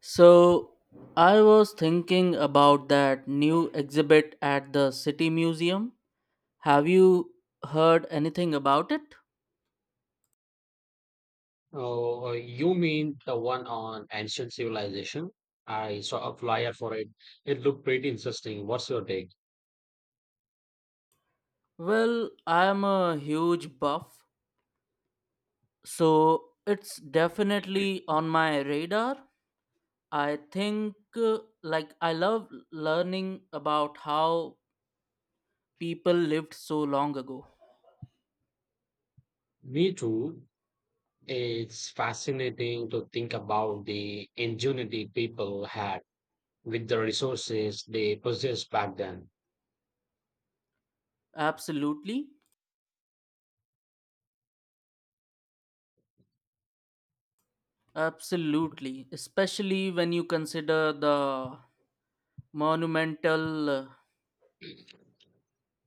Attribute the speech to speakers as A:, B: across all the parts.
A: So, I was thinking about that new exhibit at the City Museum. Have you heard anything about it?
B: Oh, you mean the one on ancient civilization? I saw a flyer for it. It looked pretty interesting. What's your take?
A: Well, I'm a huge buff, so it's definitely on my radar. I think, I love learning about how people lived so long ago.
B: Me too. It's fascinating to think about the ingenuity people had with the resources they possessed back then.
A: Absolutely, absolutely. Especially when you consider the monumental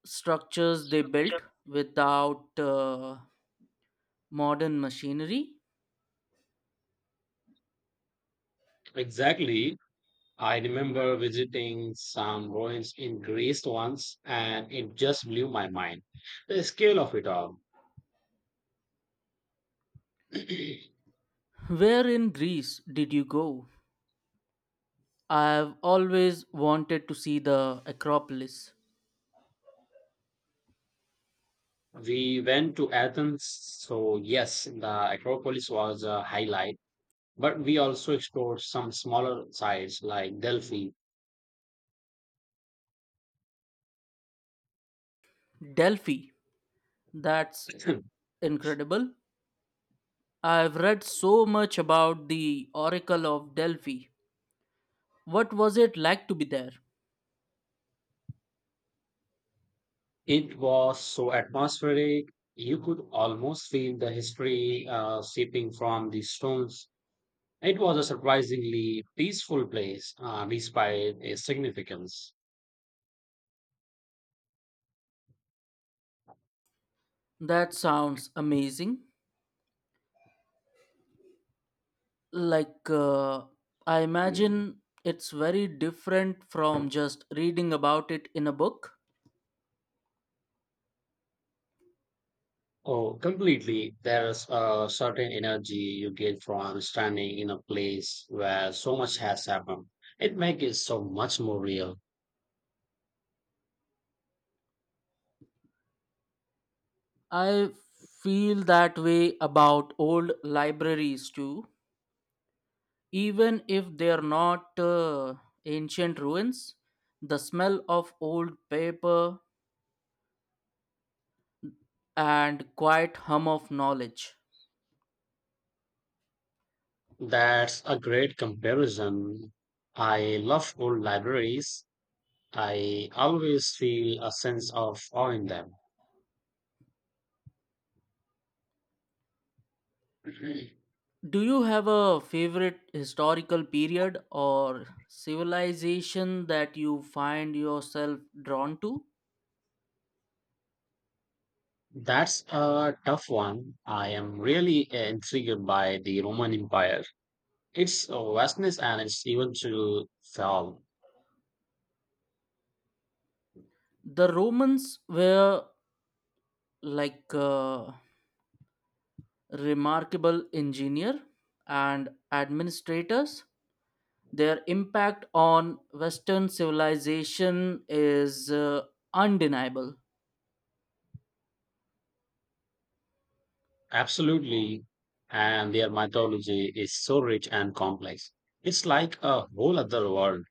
A: structures they built without modern machinery.
B: Exactly. I remember visiting some ruins in Greece once, and it just blew my mind. The scale of it all.
A: Where in Greece did you go? I've always wanted to see the Acropolis.
B: We went to Athens, so yes, the Acropolis was a highlight, but we also explored some smaller sites like Delphi.
A: Delphi. That's incredible. I've read so much about the Oracle of Delphi. What was it like to be there?
B: It was so atmospheric, you could almost feel the history seeping from the stones. It was a surprisingly peaceful place, despite its significance.
A: That sounds amazing. Like, uh, I imagine it's very different from just reading about it in a book.
B: Oh, completely. There's a certain energy you get from standing in a place where so much has happened. It makes it so much more real.
A: I feel that way about old libraries too. Even if they're not ancient ruins, the smell of old paper and quiet hum of knowledge.
B: That's a great comparison. I love old libraries. I always feel a sense of awe in them.
A: Do you have a favorite historical period or civilization that you find yourself drawn to?
B: That's a tough one. I am really intrigued by the Roman Empire. Its vastness and its even to fall.
A: The Romans were like uh, remarkable engineer and administrators, their impact on western civilization is undeniable.
B: Absolutely. And their mythology is so rich and complex. It's like a whole other world.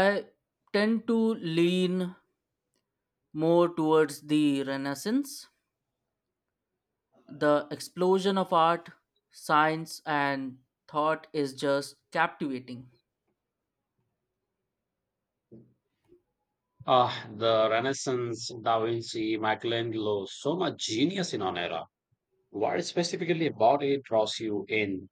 A: I tend to lean more towards the Renaissance. The explosion of art, science and thought is just captivating.
B: Ah, the Renaissance, Da Vinci, Michelangelo, so much genius in one era. What specifically about it draws you in?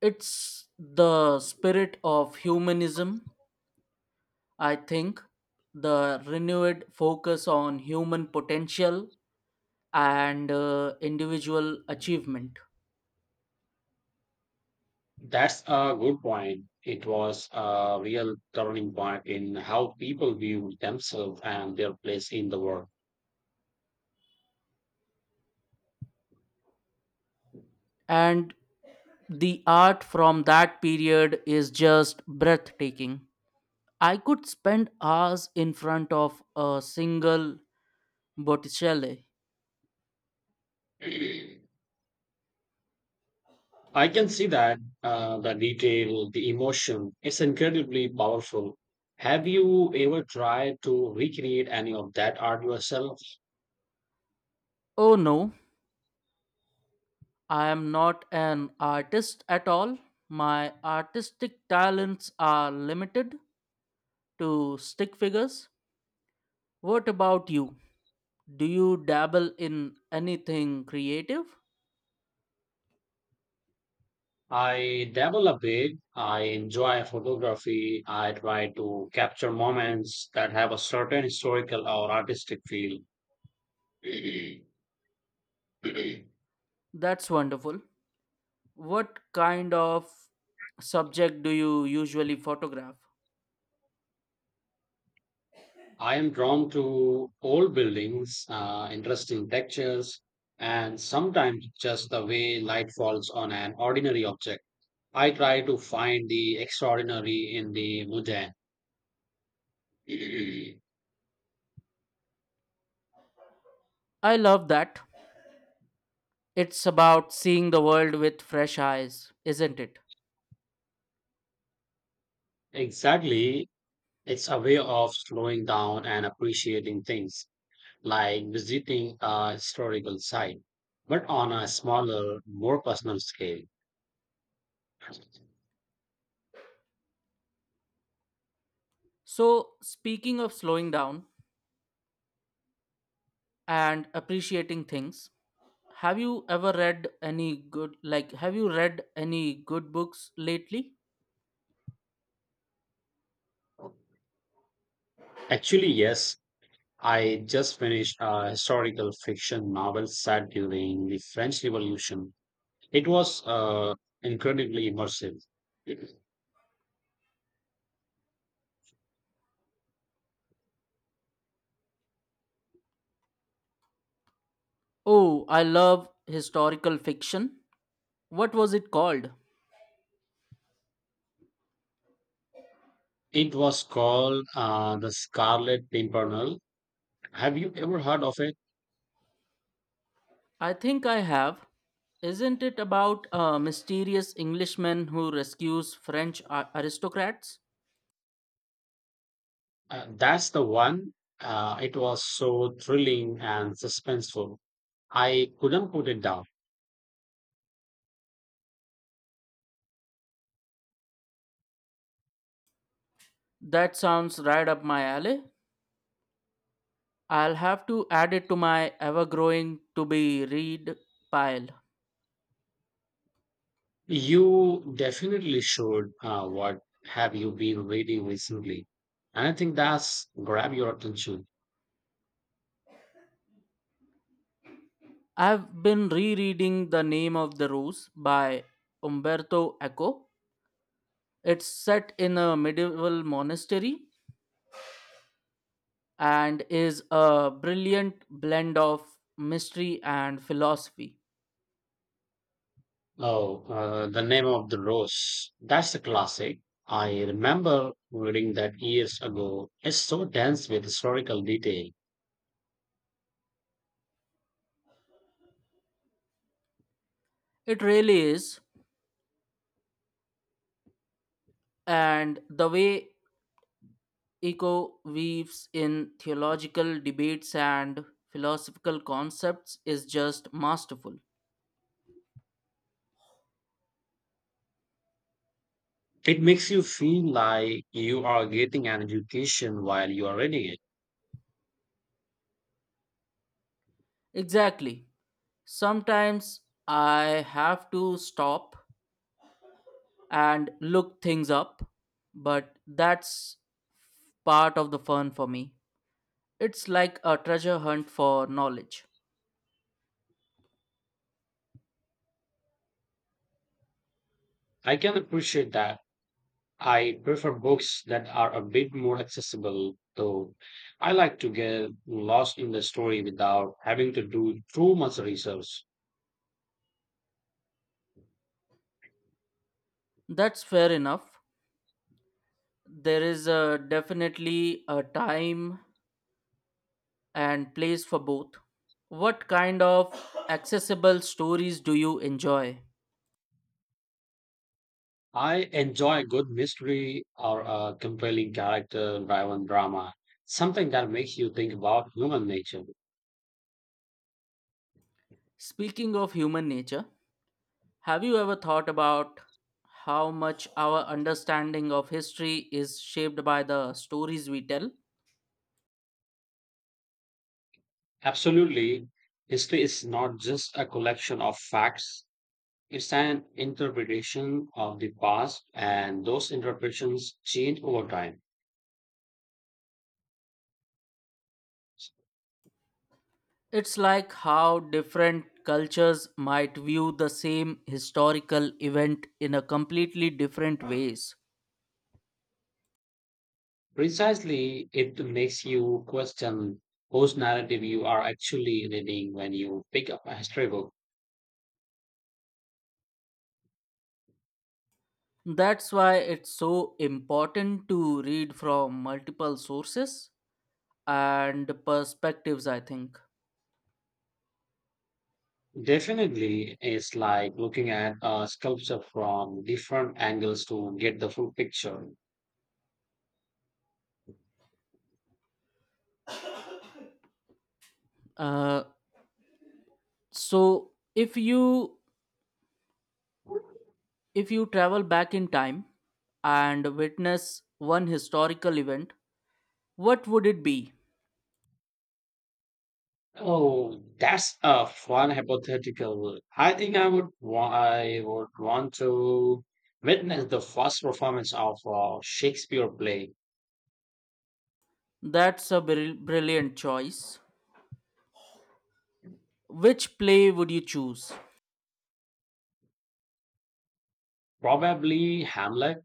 A: It's the spirit of humanism, I think, the renewed focus on human potential and individual achievement.
B: That's a good point. It was a real turning point in how people viewed themselves and their place in the world.
A: And the art from that period is just breathtaking. I could spend hours in front of a single Botticelli.
B: I can see that, the detail, the emotion, it's incredibly powerful. Have you ever tried to recreate any of that art yourself?
A: Oh no, I am not an artist at all. My artistic talents are limited to stick figures. What about you? Do you dabble in anything creative?
B: I dabble a bit. I enjoy photography. I try to capture moments that have a certain historical or artistic feel.
A: That's wonderful. What kind of subject do you usually photograph?
B: I am drawn to old buildings, interesting textures, and sometimes just the way light falls on an ordinary object. I try to find the extraordinary in the mundane.
A: I love that. It's about seeing the world with fresh eyes, isn't it?
B: Exactly. It's a way of slowing down and appreciating things, like visiting a historical site, but on a smaller, more personal scale.
A: So, speaking of slowing down and appreciating things, have you ever read any good have you read any good books lately?
B: Actually, yes, I just finished a historical fiction novel set during the French Revolution. It was incredibly immersive.
A: Oh, I love historical fiction. What was it called?
B: It was called, The Scarlet Pimpernel. Have you ever heard of it?
A: I think I have. Isn't it about a mysterious Englishman who rescues French aristocrats?
B: That's the one. It was so thrilling and suspenseful. I couldn't put it down.
A: That sounds right up my alley. I'll have to add it to my ever growing to be read pile.
B: You definitely should. What have you been reading recently, and I think that's grabbed your attention?
A: I've been rereading The Name of the Rose by Umberto Eco. It's set in a medieval monastery and is a brilliant blend of mystery and philosophy.
B: Oh, The Name of the Rose. That's a classic. I remember reading that years ago. It's so dense with historical detail.
A: It really is. And the way Eco weaves in theological debates and philosophical concepts is just masterful.
B: It makes you feel like you are getting an education while you are reading it.
A: Exactly. Sometimes I have to stop and look things up, but that's part of the fun for me. It's like a treasure hunt for knowledge.
B: I can appreciate that. I prefer books that are a bit more accessible, though. I like to get lost in the story without having to do too much research.
A: That's fair enough. There is definitely a time and place for both. What kind of accessible stories do you enjoy?
B: I enjoy a good mystery or a compelling character driven drama, something that makes you think about human nature.
A: Speaking of human nature, have you ever thought about how much our understanding of history is shaped by the stories we tell?
B: Absolutely, history is not just a collection of facts. It's an interpretation of the past, and those interpretations change over time.
A: It's like how different cultures might view the same historical event in a completely different ways.
B: Precisely, it makes you question whose narrative you are actually reading when you pick up a history book.
A: That's why it's so important to read from multiple sources and perspectives, I think.
B: Definitely, it's like looking at a sculpture from different angles to get the full picture.
A: uh, so if you travel back in time and witness one historical event, what would it be?
B: Oh, that's a fun hypothetical. I think I would wa- I would want to witness the first performance of a Shakespeare play.
A: That's a brilliant choice. Which play would you choose?
B: Probably Hamlet.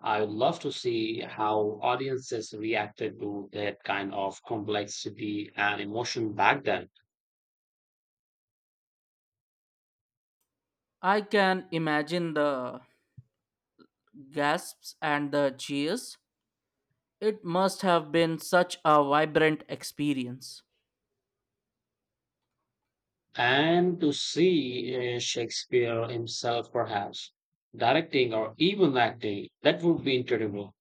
B: I would love to see how audiences reacted to that kind of complexity and emotion back then,
A: I can imagine the gasps and the cheers. It must have been such a vibrant experience.
B: and to see, Shakespeare himself perhaps directing or even acting. That would be incredible.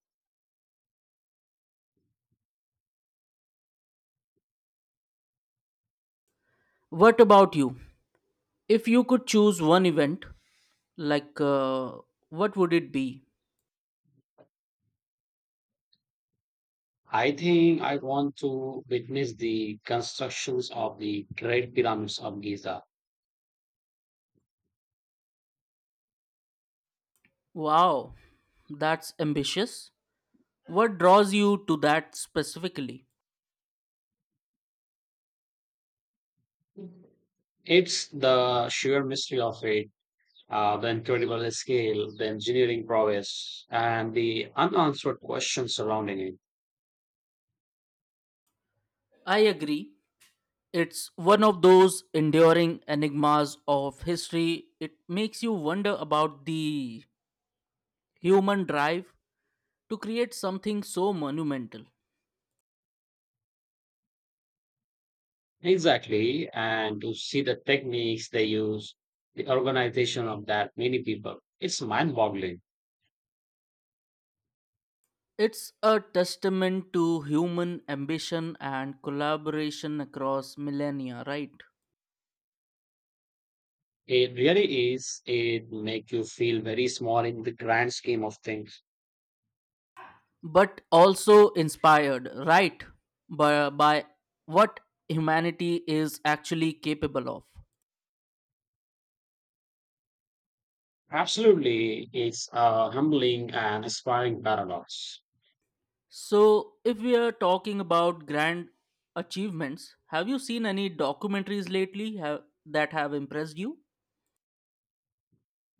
A: What about you? If you could choose one event, like uh, what would it be?
B: I think I want to witness the constructions of the Great Pyramids of Giza.
A: Wow, that's ambitious. What draws you to that specifically?
B: It's the sheer mystery of it, the incredible scale, the engineering prowess, and the unanswered questions surrounding it.
A: I agree. It's one of those enduring enigmas of history. It makes you wonder about the human drive to create something so monumental.
B: Exactly, and to see the techniques they use, the organization of that many people, it's mind boggling.
A: It's a testament to human ambition and collaboration across millennia, right?
B: It really is. It makes you feel very small in the grand scheme of things.
A: But also inspired, right? By what humanity is actually capable of.
B: Absolutely, it's a humbling and inspiring paradox.
A: So, if we are talking about grand achievements, have you seen any documentaries that have impressed you?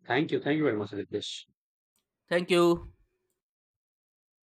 B: Thank you. Thank you very much, Ritesh.
A: Thank you.